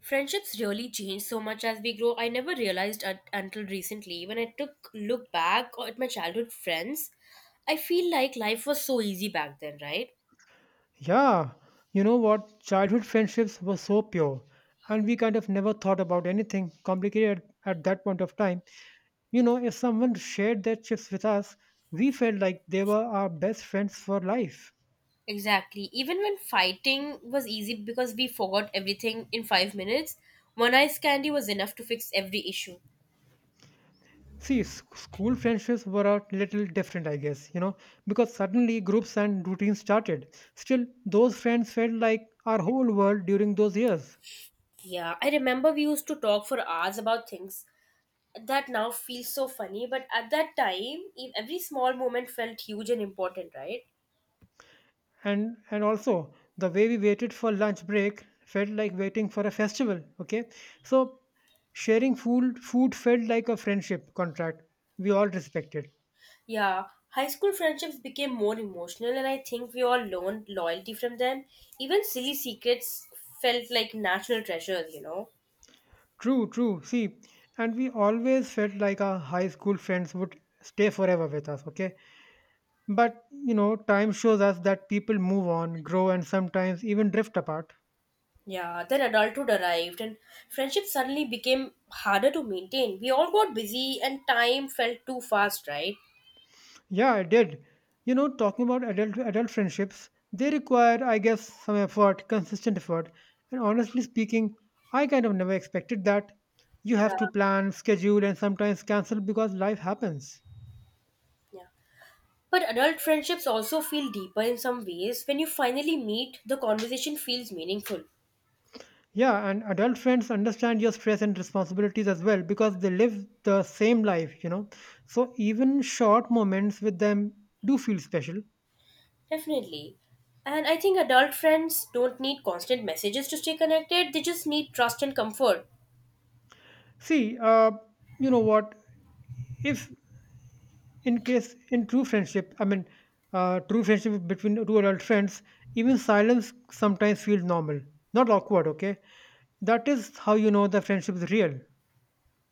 Friendships really change so much as we grow. I never realized until recently when I took look back at my childhood friends. I feel like life was so easy back then, right? Yeah, you know what? Childhood friendships were so pure, and we kind of never thought about anything complicated at that point of time. You know, if someone shared their chips with us, we felt like they were our best friends for life. Exactly. Even when fighting was easy because we forgot everything in 5 minutes, one ice candy was enough to fix every issue. See, school friendships were a little different, I guess, you know, because suddenly groups and routines started. Still, those friends felt like our whole world during those years. Yeah, I remember we used to talk for hours about things that now feel so funny, but at that time, every small moment felt huge and important, right? And also the way we waited for lunch break felt like waiting for a festival, okay? So sharing food felt like a friendship contract we all respected. Yeah, high school friendships became more emotional, and I think we all learned loyalty from them. Even silly secrets felt like national treasures, you know? True, true, see, and we always felt like our high school friends would stay forever with us, okay? But you know, time shows us that people move on, grow, and sometimes even drift apart. Yeah, then adulthood arrived, and friendship suddenly became harder to maintain. We all got busy, and time felt too fast, right? Yeah, I did. You know, talking about adult friendships, they require, I guess, some effort, consistent effort. And honestly speaking, I kind of never expected that. You have to Yeah, plan, schedule, and sometimes cancel because life happens. yeah. But adult friendships also feel deeper in some ways. When you finally meet, the conversation feels meaningful. Yeah, and adult friends understand your stress and responsibilities as well because they live the same life, you know. So even short moments with them do feel special. Definitely. And I think adult friends don't need constant messages to stay connected, they just need trust and comfort. See, you know what? If in case in true friendship I mean True friendship between two adult friends, even silence sometimes feels normal, not awkward, okay? That is how you know the friendship is real.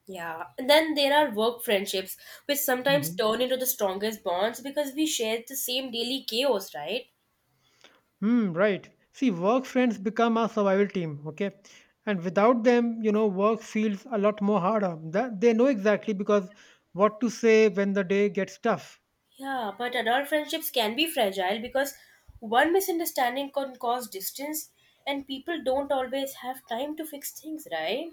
Yeah. And then there are work friendships, which sometimes Mhm. turn into the strongest bonds because we share the same daily chaos, right? Hmm, right. See, work friends become our survival team, okay? And without them, you know, work feels a lot more harder. That they know exactly because what to say when the day gets tough. Yeah, but adult friendships can be fragile because one misunderstanding can cause distance, and people don't always have time to fix things, right?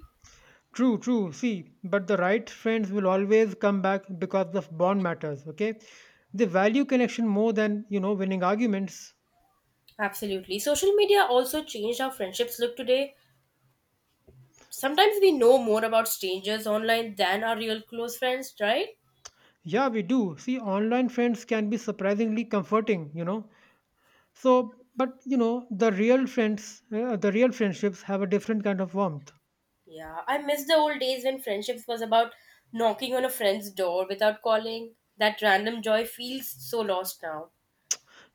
True, true. See, but the right friends will always come back because the bond matters, okay? They value connection more than, you know, winning arguments. Absolutely. Social media also changed how friendships look today. Sometimes we know more about strangers online than our real close friends, right? Yeah, we do. See, online friends can be surprisingly comforting, you know. So, but you know, the real friends, the real friendships have a different kind of warmth. Yeah, I miss the old days when friendships was about knocking on a friend's door without calling. That random joy feels so lost now.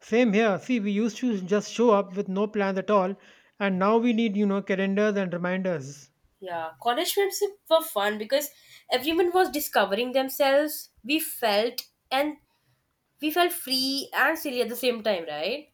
Same here. See, we used to just show up with no plans at all, and now we need, you know, calendars and reminders. Yeah, college friendships were fun because everyone was discovering themselves. We felt and we felt free and silly at the same time, right?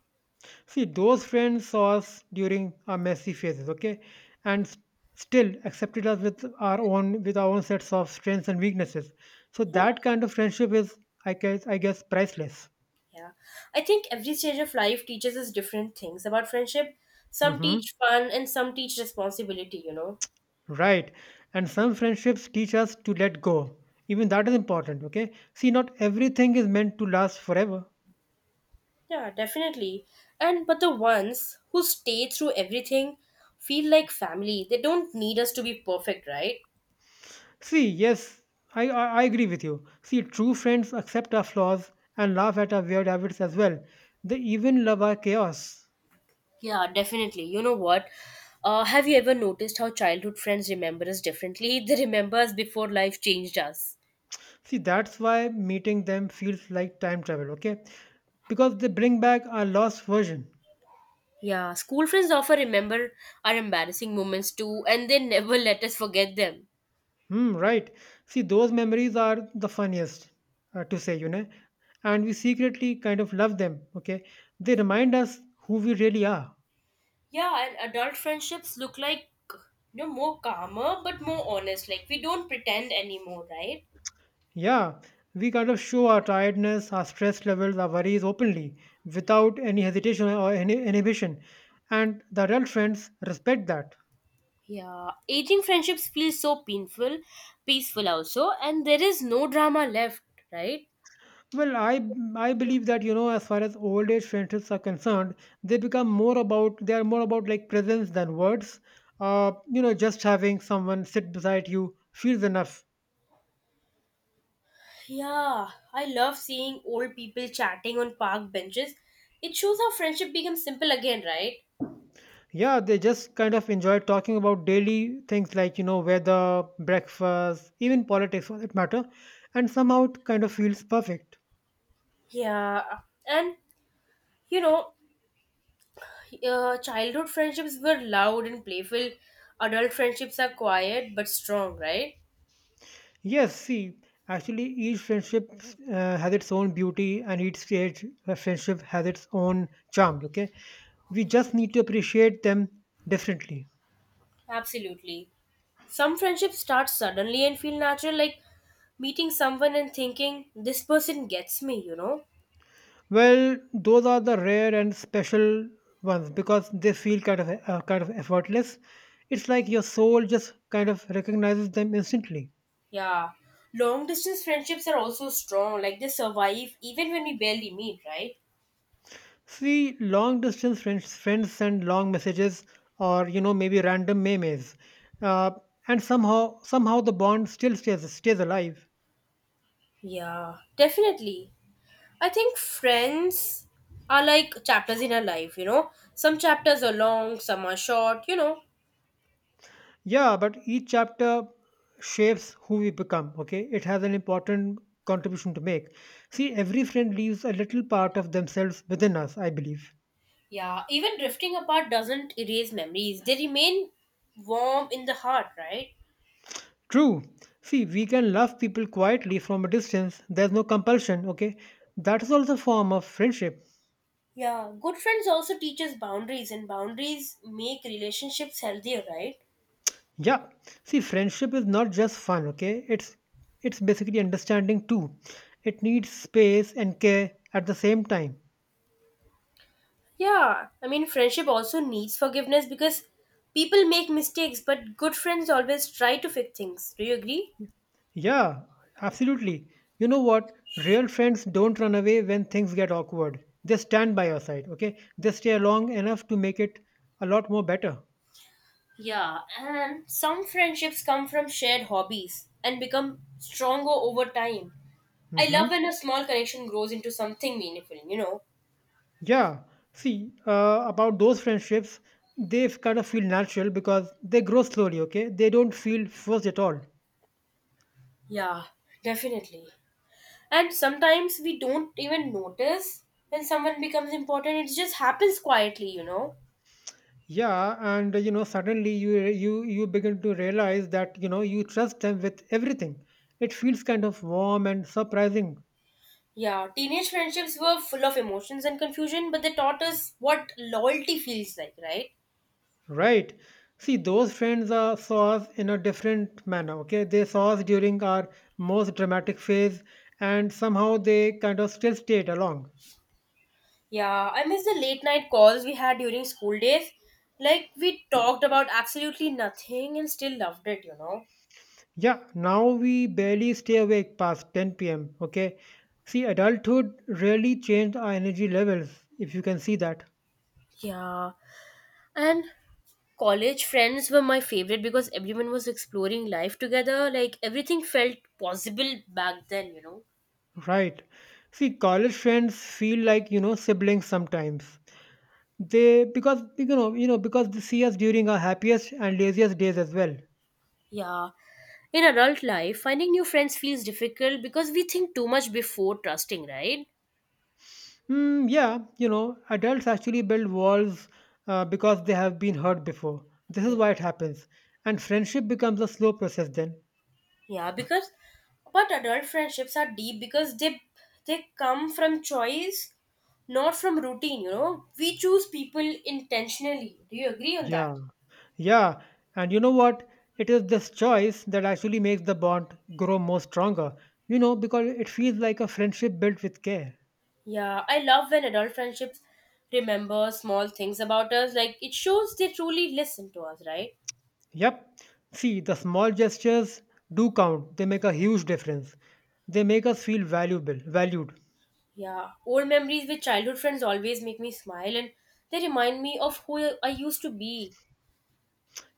See, those friends saw us during our messy phases, okay, and still accepted us with our own sets of strengths and weaknesses. So Yeah. that kind of friendship is, I guess, priceless. Yeah. I think every stage of life teaches us different things about friendship. Some Hmm. teach fun and some teach responsibility, you know. Right. And some friendships teach us to let go. Even that is important, okay? See, not everything is meant to last forever. Yeah, definitely. And but the ones who stay through everything feel like family. They don't need us to be perfect, right? See, yes, I agree with you. See, true friends accept our flaws and laugh at our weird habits as well. They even love our chaos. Yeah, definitely. You know what? Have you ever noticed how childhood friends remember us differently? They remember us before life changed us. See, that's why meeting them feels like time travel, okay? Because they bring back our lost version. Yeah, school friends often remember our embarrassing moments too, and they never let us forget them. Hmm, right. See, those memories are the funniest to say, you know, and we secretly kind of love them, okay? They remind us who we really are. Yeah, and adult friendships look like, you know, more calmer but more honest. Like we don't pretend anymore, right? Yeah, we kind of show our tiredness, our stress levels, our worries openly without any hesitation or any inhibition. And the real friends respect that. Yeah, aging friendships feel so painful, peaceful also, and there is no drama left, right? Well, I believe that, you know, as far as old age friendships are concerned, they are more about like presence than words. You know, just having someone sit beside you feels enough. Yeah, I love seeing old people chatting on park benches. It shows how friendship becomes simple again, right? Yeah, they just kind of enjoy talking about daily things like, you know, weather, breakfast, even politics for that matter, and somehow it kind of feels perfect. Yeah, and you know, childhood friendships were loud and playful. Adult friendships are quiet but strong, right? Yes, see, actually, each friendship has its own beauty, and each stage of friendship has its own charm. Okay, we just need to appreciate them differently. Absolutely. Some friendships start suddenly and feel natural, like meeting someone and thinking, this person gets me, you know? Well, those are the rare and special ones because they feel kind of effortless. It's like your soul just kind of recognizes them instantly. Yeah. Long distance friendships are also strong. Like they survive even when we barely meet, right? See, long distance friends send long messages, or you know, maybe random memes, uh, and somehow the bond still stays alive. Yeah, definitely. I think friends are like chapters in our life, you know? Some chapters are long, some are short, you know? Yeah, but each chapter shapes who we become, okay? It has an important contribution to make. See, every friend leaves a little part of themselves within us, I believe. Yeah, even drifting apart doesn't erase memories. They remain warm in the heart, right? True. See, we can love people quietly from a distance. There's no compulsion, okay? That is also a form of friendship. Yeah, good friends also teach us boundaries, and boundaries make relationships healthier, right? Yeah. See, friendship is not just fun, okay? It's basically understanding too. It needs space and care at the same time. Yeah, I mean, friendship also needs forgiveness because people make mistakes, but good friends always try to fix things. Do you agree? Yeah, absolutely. You know what? Real friends don't run away when things get awkward. They stand by your side, okay? They stay long enough to make it a lot more better. Yeah, and some friendships come from shared hobbies and become stronger over time. I love Hmm. when a small connection grows into something meaningful, you know? Yeah. See, about those friendships, kind of feel natural because they grow slowly, okay? They don't feel forced at all. Yeah, definitely. And sometimes we don't even notice when someone becomes important, it just happens quietly, you know? Yeah, and you know, suddenly you re- you begin to realize that, you know, you trust them with everything. It feels kind of warm and surprising. Yeah, teenage friendships were full of emotions and confusion, but they taught us what loyalty feels like, right? Right. See, those friends saw us in a different manner. Okay. They saw us during our most dramatic phase and somehow they kind of still stayed along. Yeah, I miss the late night calls we had during school days. Like, we talked about absolutely nothing and still loved it, you know? Yeah. Now we barely stay awake past 10 p.m. Okay. See, adulthood really changed our energy levels, if you can see that. Yeah, and college friends were my favorite because everyone was exploring life together. Like, everything felt possible back then, you know? Right. See, college friends feel like, you know, siblings sometimes. They, because, you know, because they see us during our happiest and laziest days as well. Yeah. In adult life, finding new friends feels difficult because we think too much before trusting, right? Mm, yeah, you know, adults actually build walls because they have been hurt before. This Yeah. is why it happens. And friendship becomes a slow process then. Yeah, because but adult friendships are deep because they come from choice, not from routine, you know. We choose people intentionally. Do you agree on that? Yeah, yeah. And you know what? It is this choice that actually makes the bond grow more stronger, you know, because it feels like a friendship built with care. Yeah, I love when adult friendships remember small things about us. Like it shows they truly listen to us, right? Yep. See, the small gestures do count, they make a huge difference. They make us feel valuable, valued. Yeah, old memories with childhood friends always make me smile and they remind me of who I used to be.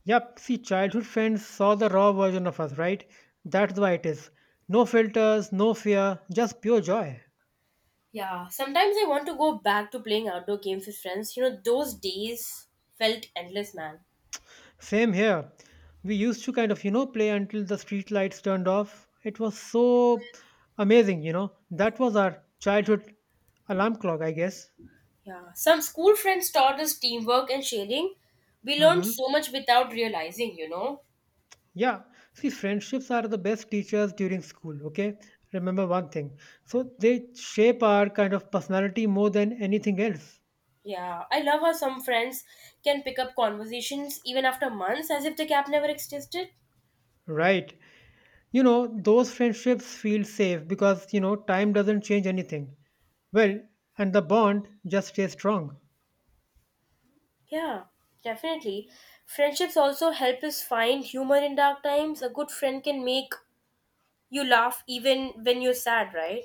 Yep, see, childhood friends saw the raw version of us, right? That's why it is. No filters, no fear, just pure joy. Yeah, sometimes I want to go back to playing outdoor games with friends. You know, those days felt endless, man. Same here. We used to kind of, you know, play until the street lights turned off. It was so amazing, you know. That was our childhood alarm clock, I guess. Yeah, some school friends taught us teamwork and sharing. We learned Hmm. so much without realizing, you know. Yeah, see, friendships are the best teachers during school, okay? Remember one thing. So they shape our kind of personality more than anything else. Yeah, I love how some friends can pick up conversations even after months as if the gap never existed. Right. You know, those friendships feel safe because, you know, time doesn't change anything. Well, and the bond just stays strong. Yeah, definitely. Friendships also help us find humor in dark times. A good friend can make you laugh even when you're sad, right?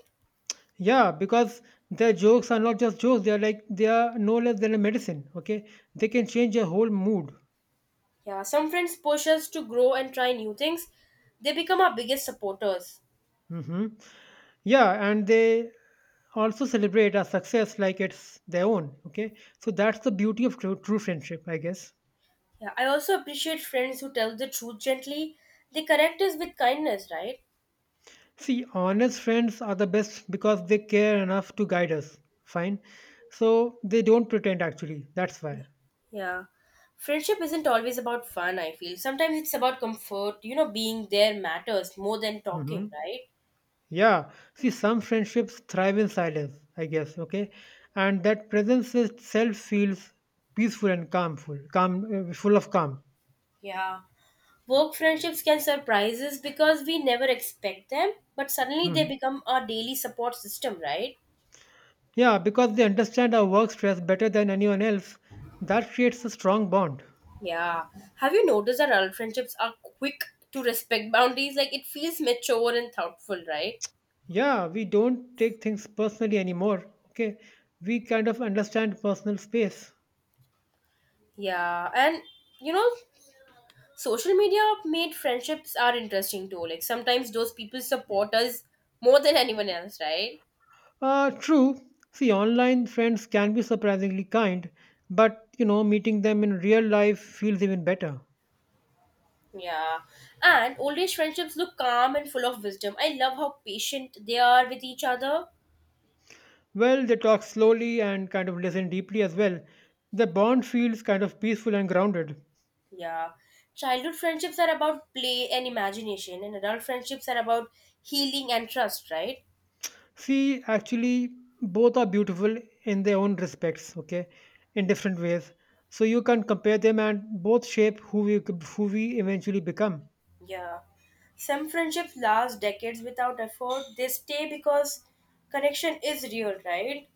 Yeah, because their jokes are not just jokes, they are like, they are no less than a medicine, okay? They can change your whole mood. Yeah, some friends push us to grow and try new things. They become our biggest supporters. Hmm. Yeah, and they also celebrate our success like it's their own, okay? So that's the beauty of true, true friendship, I guess. Yeah, I also appreciate friends who tell the truth gently. They correct us with kindness, right? See, honest friends are the best because they care enough to guide us. Fine. So they don't pretend actually. That's why. Yeah. Friendship isn't always about fun, I feel. Sometimes it's about comfort. You know, being there matters more than talking, Hmm. right? Yeah. See, some friendships thrive in silence, I guess. Okay. And that presence itself feels peaceful and calmful, calm, full of calm. Yeah. Work friendships can surprise us because we never expect them, but suddenly they Mhm. become our daily support system, right? Yeah. Because they understand our work stress better than anyone else, that creates a strong bond. Yeah. Have you noticed that adult friendships are quick to respect boundaries? Like it feels mature and thoughtful, right? Yeah. We don't take things personally anymore. Okay. We kind of understand personal space. Yeah. And you know, social media made friendships are interesting too, like sometimes those people support us more than anyone else, right? True. See, online friends can be surprisingly kind, but you know, meeting them in real life feels even better. Yeah, and old age friendships look calm and full of wisdom. I love how patient they are with each other. Well, they talk slowly and kind of listen deeply as well. The bond feels kind of peaceful and grounded. Yeah, childhood friendships are about play and imagination, and adult friendships are about healing and trust, right? See, actually, both are beautiful in their own respects, okay, in different ways. So you can compare them and both shape who we eventually become. Yeah, some friendships last decades without effort. They stay because connection is real, right?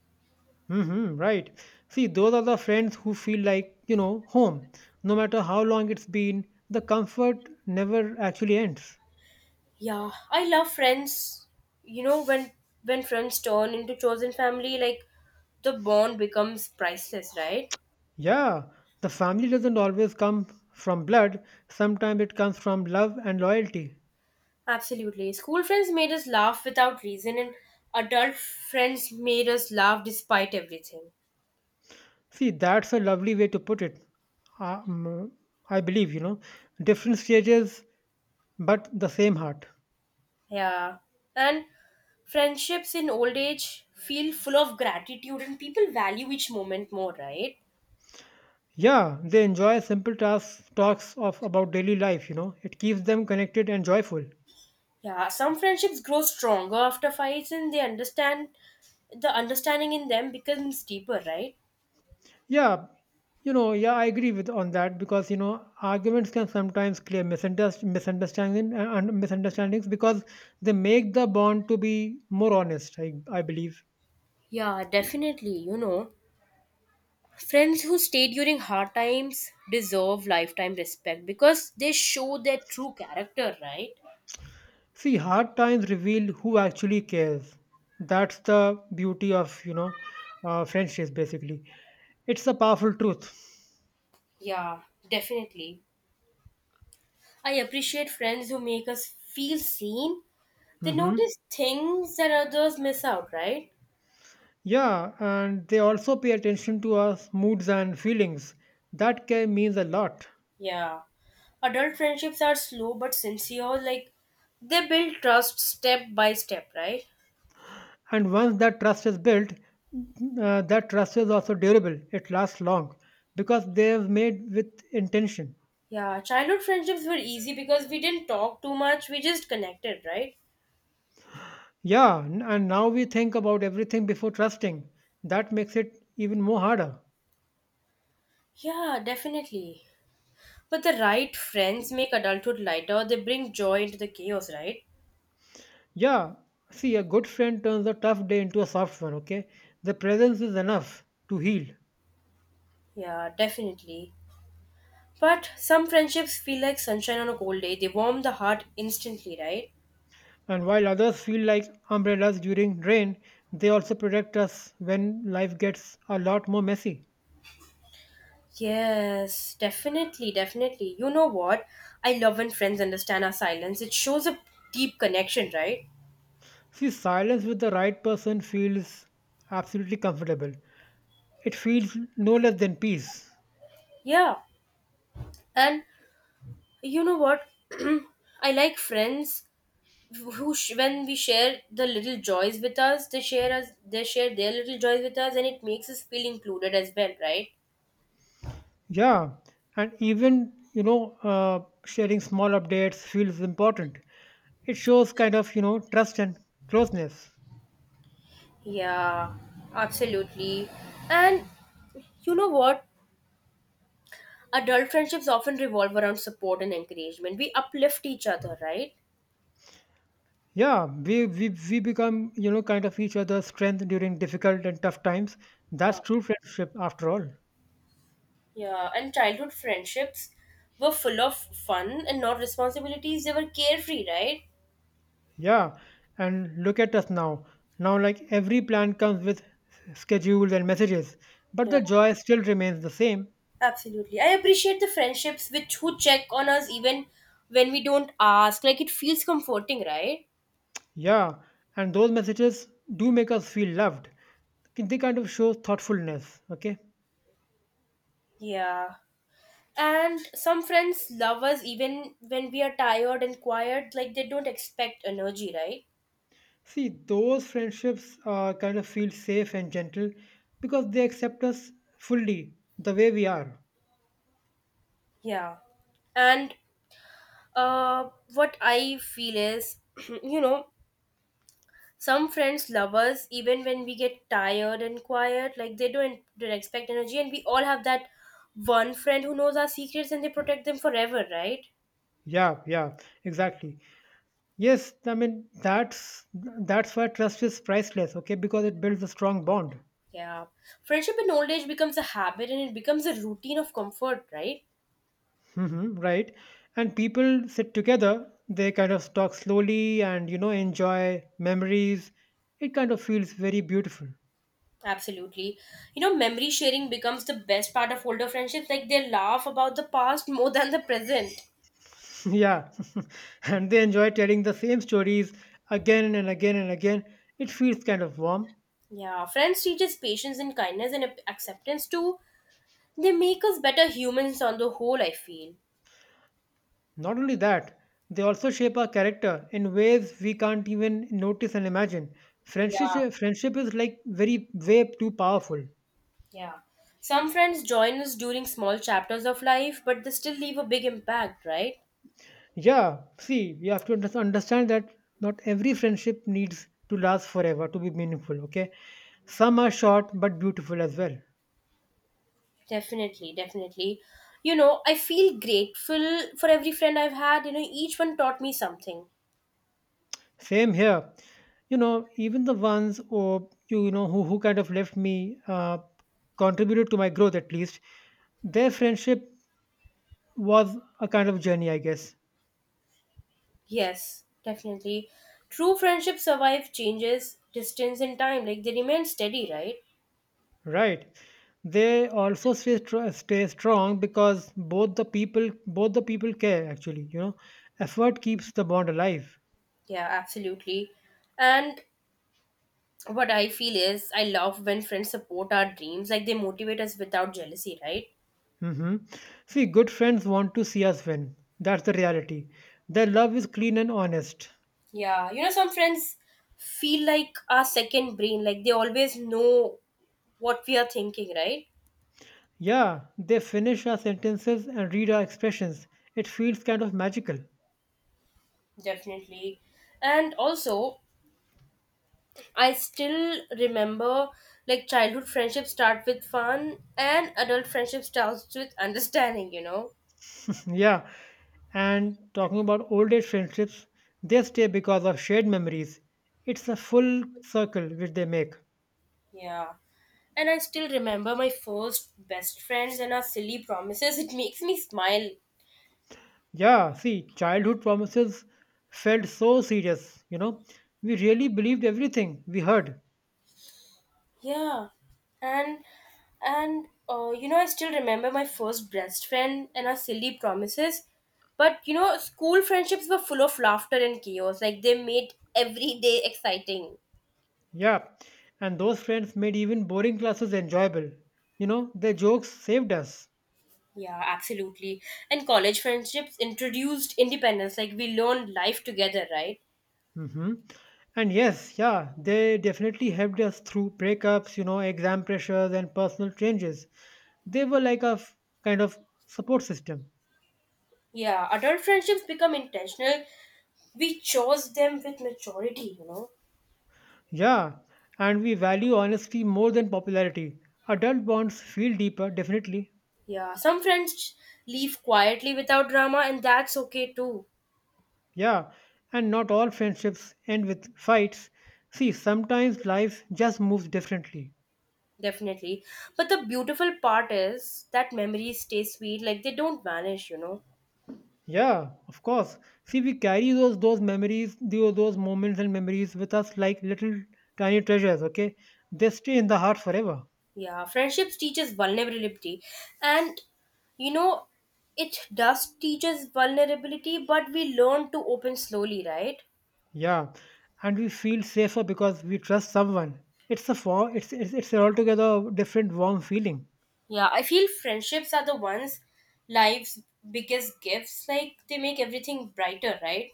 Mm-hmm, right. See, those are the friends who feel like, you know, home. No matter how long it's been, the comfort never actually ends. Yeah, I love friends. You know when friends turn into chosen family, like the bond becomes priceless, right? Yeah, the family doesn't always come from blood, sometimes it comes from love and loyalty. Absolutely. School friends made us laugh without reason, and adult friends made us laugh despite everything. See, that's a lovely way to put it. Um, I believe, you know, different stages, but the same heart. Yeah, and friendships in old age feel full of gratitude, and people value each moment more, right? Yeah, they enjoy simple tasks, talks of about daily life, you know. It keeps them connected and joyful. Yeah, some friendships grow stronger after fights, and they understand the understanding in them becomes deeper, right? Yeah, you know, yeah, I agree with on that because you know arguments can sometimes clear misunderstanding and misunderstandings because they make the bond to be more honest. I believe. Yeah, definitely. You know, friends who stay during hard times deserve lifetime respect because they show their true character, right? See, hard times reveal who actually cares. That's the beauty of, you know, friendships. Basically, it's a powerful truth. Yeah, definitely. I appreciate friends who make us feel seen. They Hmm. notice things that others miss out, right? Yeah, and they also pay attention to our moods and feelings. That can means a lot. Yeah. Adult friendships are slow but sincere. Like, they build trust step by step, right? And once that trust is built, that trust is also durable. It lasts long because they have made with intention. Yeah, childhood friendships were easy because we didn't talk too much, we just connected, right? Yeah, and now we think about everything before trusting. That makes it even more harder. Yeah, definitely. But the right friends make adulthood lighter. They bring joy into the chaos, right? Yeah, see, a good friend turns a tough day into a soft one, okay? The presence is enough to heal. Yeah, definitely. But some friendships feel like sunshine on a cold day. They warm the heart instantly, right? And while others feel like umbrellas during rain, they also protect us when life gets a lot more messy. Yes, definitely, definitely. You know what? I love when friends understand our silence. It shows a deep connection, right? See, silence with the right person feels absolutely comfortable. It feels no less than peace. Yeah. And you know what? I like friends who when we share the little joys with us, they share us they share their little joys with us, and it makes us feel included as well, right? Yeah, and even you know, sharing small updates feels important. It shows kind of trust and closeness. Yeah, absolutely. And you know what, adult friendships often revolve around support and encouragement. We uplift each other, right? Yeah, we become kind of each other's strength during difficult and tough times. Yeah, That's true friendship after all. yeah. And childhood friendships were full of fun and not responsibilities. They were carefree, right? Yeah, and look at us now. Now, like every plan comes with schedules and messages, but Yeah. the joy still remains the same. Absolutely. I appreciate the friendships which who check on us even when we don't ask. Like it feels comforting, right? Yeah, and those messages do make us feel loved. They kind of show thoughtfulness, okay? Yeah. And some friends love us even when we are tired and quiet, like they don't expect energy, right? See, those friendships kind of feel safe and gentle because they accept us fully the way we are. Yeah. And what I feel is, you know, some friends love us even when we get tired and quiet, like they don't expect energy, and we all have that one friend who knows our secrets and they protect them forever, right? Yeah, yeah, exactly. Yes, I mean that's why trust is priceless, okay? Because it builds a strong bond. Yeah. Friendship in old age becomes a habit and it becomes a routine of comfort, right? Hmm, right. And people sit together, they kind of talk slowly and, you know, enjoy memories. It kind of feels very beautiful. Absolutely. You know, memory sharing becomes the best part of older friendships. Like they laugh about the past more than the present. Yeah. And they enjoy telling the same stories again and again and again. It feels kind of warm. Yeah. Friends teach us patience and kindness and acceptance too. They make us better humans on the whole, I feel. Not only that, they also shape our character in ways we can't even notice and imagine. Yeah. Friendship is like very way too powerful. Yeah. Some friends join us during small chapters of life, but they still leave a big impact, right? Yeah, see, you have to understand that not every friendship needs to last forever to be meaningful, okay? Some are short but beautiful as well. Definitely, definitely. You know, I feel grateful for every friend I've had. You know, each one taught me something. Same here. You know, even the ones or who kind of left me contributed to my growth at least. Their friendship was a kind of journey, I guess. Yes, definitely. True friendship survive changes, distance, and time. Like they remain steady, right? Right. They also stay stay strong because both the people care actually, you know. Effort keeps the bond alive. Yeah, absolutely. And what I feel is, I love when friends support our dreams. Like they motivate us without jealousy, right? Hmm. See, good friends want to see us win. That's the reality. Their love is clean and honest. Yeah, you know, some friends feel like our second brain. Like they always know what we are thinking, right? Yeah, they finish our sentences and read our expressions. It feels kind of magical. Definitely. And also, I still remember like childhood friendships start with fun and adult friendship starts with understanding, you know? Yeah, and talking about old age friendships, they stay because of shared memories. It's a full circle which they make. Yeah. And I still remember my first best friends and our silly promises. It makes me smile. Yeah, see, childhood promises felt so serious, you know. We really believed everything we heard. Yeah. And and You know, I still remember my first best friend and our silly promises. But you know, school friendships were full of laughter and chaos. Like they made every day exciting. Yeah, and those friends made even boring classes enjoyable. You know, their jokes saved us. Yeah, absolutely. And college friendships introduced independence, like we learned life together, right? Hmm. And yes, yeah, they definitely helped us through breakups, you know, exam pressures, and personal changes. They were like kind of support system. Yeah, adult friendships become intentional. We chose them with maturity, you know? Yeah, and we value honesty more than popularity. Adult bonds feel deeper, definitely. Yeah, some friends leave quietly without drama, and that's okay too, Yeah, and not all friendships end with fights. See, sometimes life just moves differently. definitely. But the beautiful part is that memories stay sweet, like they don't vanish, you know? Yeah, of course. See, we carry those memories, those moments and memories with us like little tiny treasures. Okay, they stay in the heart forever. Yeah, friendships teaches vulnerability, and you know, it does teaches vulnerability, but we learn to open slowly, right? Yeah, and we feel safer because we trust someone. It's a form. It's an altogether different warm feeling. Yeah, I feel friendships are the ones life's biggest gifts. Like they make everything brighter, right?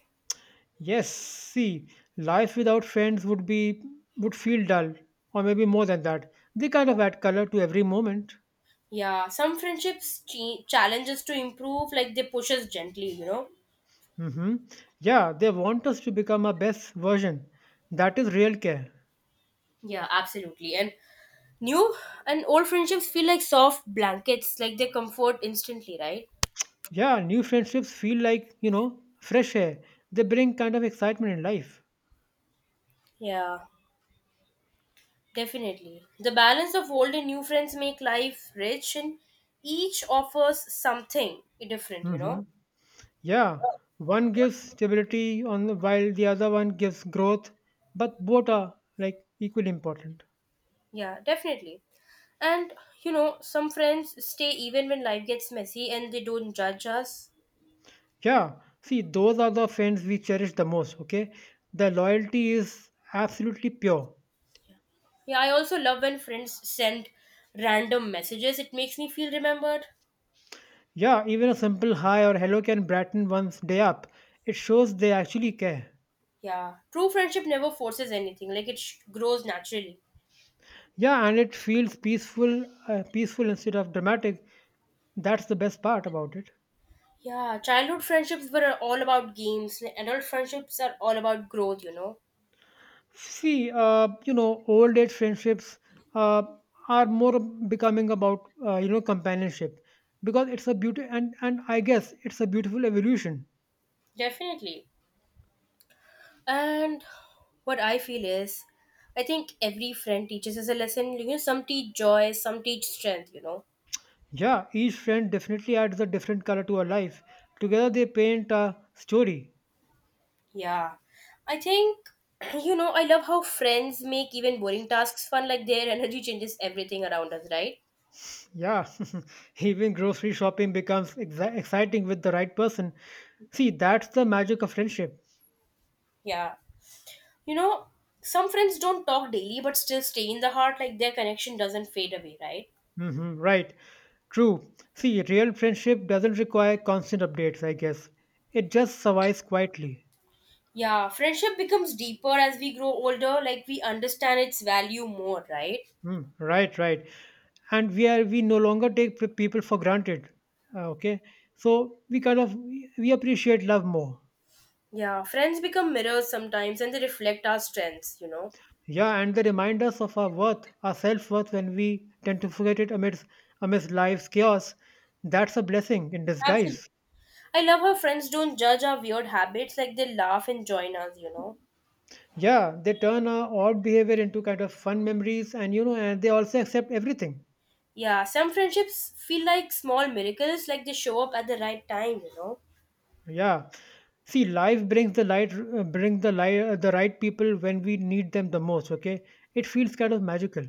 Yes. See, life without friends would be would feel dull, or maybe more than that. They kind of add color to every moment. Yeah, some friendships challenge us to improve, like they push us gently, you know. Mm-hmm. Yeah, they want us to become our best version. That is real care. Yeah, absolutely. And new and old friendships feel like soft blankets, like they comfort instantly, right? Yeah, new friendships feel like, you know, fresh air. They bring kind of excitement in life. Yeah. Definitely. The balance of old and new friends make life rich and each offers something different, you know? Hmm. Yeah, one gives stability on the, while the other one gives growth, but both are like equally important. Yeah, definitely. And you know, some friends stay even when life gets messy and they don't judge us. Yeah, see, those are the friends we cherish the most, okay? The loyalty is absolutely pure. Yeah, I also love when friends send random messages. It makes me feel remembered. Yeah, even a simple hi or hello can brighten one's day up. It shows they actually care. Yeah, true friendship never forces anything. Like it grows naturally. Yeah, and it feels peaceful, peaceful instead of dramatic. That's the best part about it. Yeah, childhood friendships were all about games, and adult friendships are all about growth, you know. See, you know, old age friendships uh, are more becoming about you know companionship because it's a beauty, and I guess it's a beautiful evolution. Definitely. And what I feel is, I think every friend teaches us a lesson. You know, some teach joy, some teach strength, you know. Yeah, each friend definitely adds a different color to our life. Together they paint a story. Yeah. I think, you know, I love how friends make even boring tasks fun, like their energy changes everything around us, right? Yeah, even grocery shopping becomes exciting with the right person. See, that's the magic of friendship. Yeah. You know, some friends don't talk daily but still stay in the heart, like their connection doesn't fade away, right? Hmm, right. True. See, real friendship doesn't require constant updates, I guess. It just survives quietly. Yeah, friendship becomes deeper as we grow older, like we understand its value more, right? Mm, right, right. And we no longer take people for granted. Okay, so we kind of we appreciate love more. Yeah, friends become mirrors sometimes and they reflect our strengths, you know. Yeah, and they remind us of our worth, our self worth, when we tend to forget it amidst life's chaos. That's a blessing in Absolutely. disguise. I love how friends don't judge our weird habits, like they laugh and join us, you know. Yeah, they turn our odd behavior into kind of fun memories, and you know, and they also accept everything. Yeah, some friendships feel like small miracles, like they show up at the right time, you know. Yeah. See, life brings the light, bring the light, the right people when we need them the most. Okay, it feels kind of magical.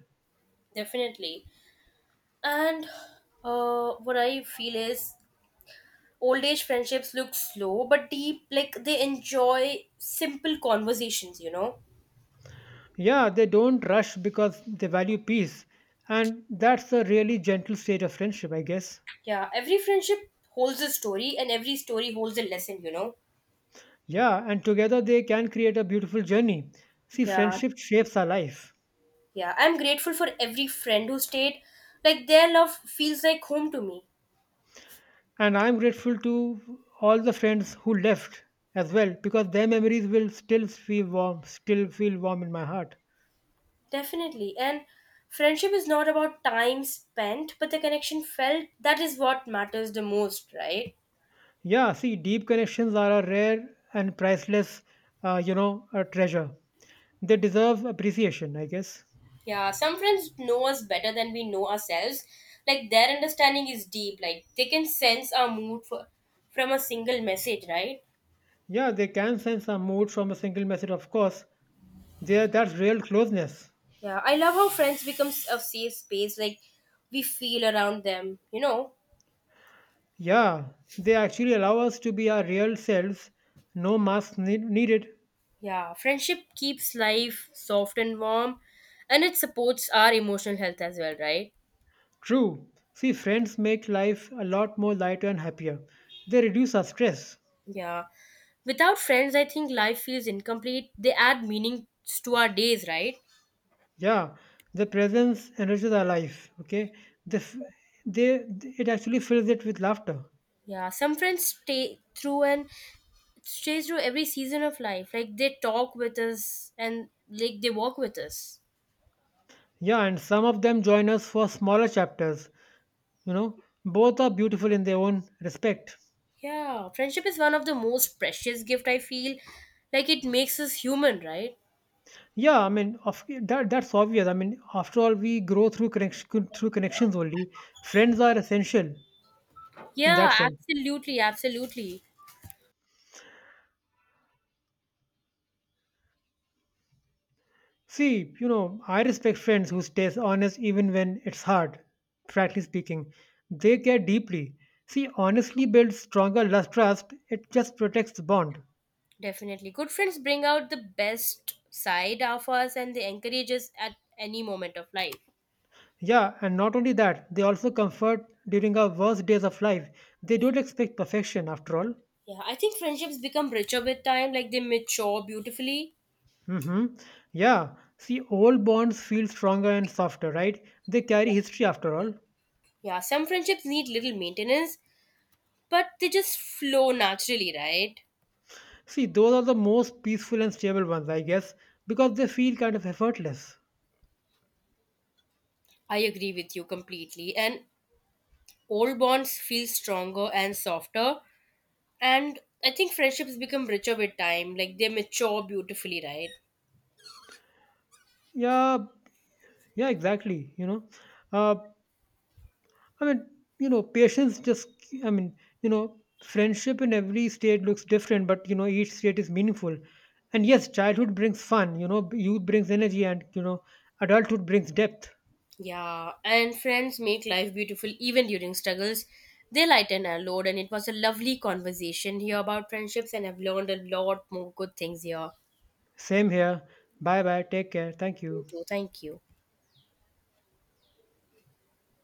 Definitely. And what I feel is old age friendships look slow but deep, like they enjoy simple conversations, you know. Yeah, they don't rush because they value peace, and that's a really gentle state of friendship, I guess. Yeah, every friendship holds a story and every story holds a lesson, you know. Yeah, and together they can create a beautiful journey. See, Yeah. friendship shapes our life, Yeah, I'm grateful for every friend who stayed. Like their love feels like home to me. and I'm grateful to all the friends who left as well because their memories will still feel warm in my heart. Definitely. And friendship is not about time spent, but the connection felt, that is what matters the most, right? Yeah, see, deep connections are a rare and priceless, you know, a treasure. They deserve appreciation, I guess. Yeah, some friends know us better than we know ourselves. Like their understanding is deep. Like they can sense our mood from a single message, right? Yeah, they can sense our mood from a single message, of course. There, that's real closeness. Yeah, I love how friends becomes a safe space. Like we feel around them, you know. Yeah, they actually allow us to be our real selves. No masks needed. Yeah, friendship keeps life soft and warm, and it supports our emotional health as well, right? True. See, friends make life a lot more lighter and happier. They reduce our stress. Yeah. Without friends, I think life feels incomplete. They add meaning to our days, right? Yeah, the presence enriches our life. Okay, the, f- they it actually fills it with laughter. Yeah, some friends stay through and stay through every season of life. Like they talk with us and like they walk with us. Yeah, and some of them join us for smaller chapters. You know, both are beautiful in their own respect. Yeah, friendship is one of the most precious gift I feel. Like it makes us human, right? Yeah, I mean, of, that's obvious. I mean, after all, we grow through connections only. Friends are essential in Yeah, that sense. absolutely, absolutely. See, you know, I respect friends who stays honest even when it's hard. Frankly speaking, they care deeply. See, honestly builds stronger lust trust. It just protects the bond. Definitely. Good friends bring out the best side of us and they encourage us at any moment of life. Yeah, and not only that, they also comfort during our worst days of life. They Yeah. don't expect perfection after all. Yeah. I think friendships become richer with time, like they mature beautifully. Mm-hmm. Yeah, see, old bonds feel stronger and softer, right? They carry history after all. Yeah, some friendships need little maintenance, but they just flow naturally, right? See, those are the most peaceful and stable ones, I guess, because they feel kind of effortless. I agree with you completely. And old bonds feel stronger and softer. And I think friendships become richer with time, like they mature beautifully, right? Yeah, yeah, exactly. You know, uh, I mean, you know, patience just, I mean, you know, Friendship in every state looks different, but, you know, each state is meaningful. And yes, childhood brings fun, you know, youth brings energy, and, you know, adulthood brings depth. Yeah, and friends make life beautiful even during struggles. They lighten our load, and it was a lovely conversation here about friendships, and I've learned a lot more good things here. Same here. Bye bye. Take care. Thank You you. too. Thank you.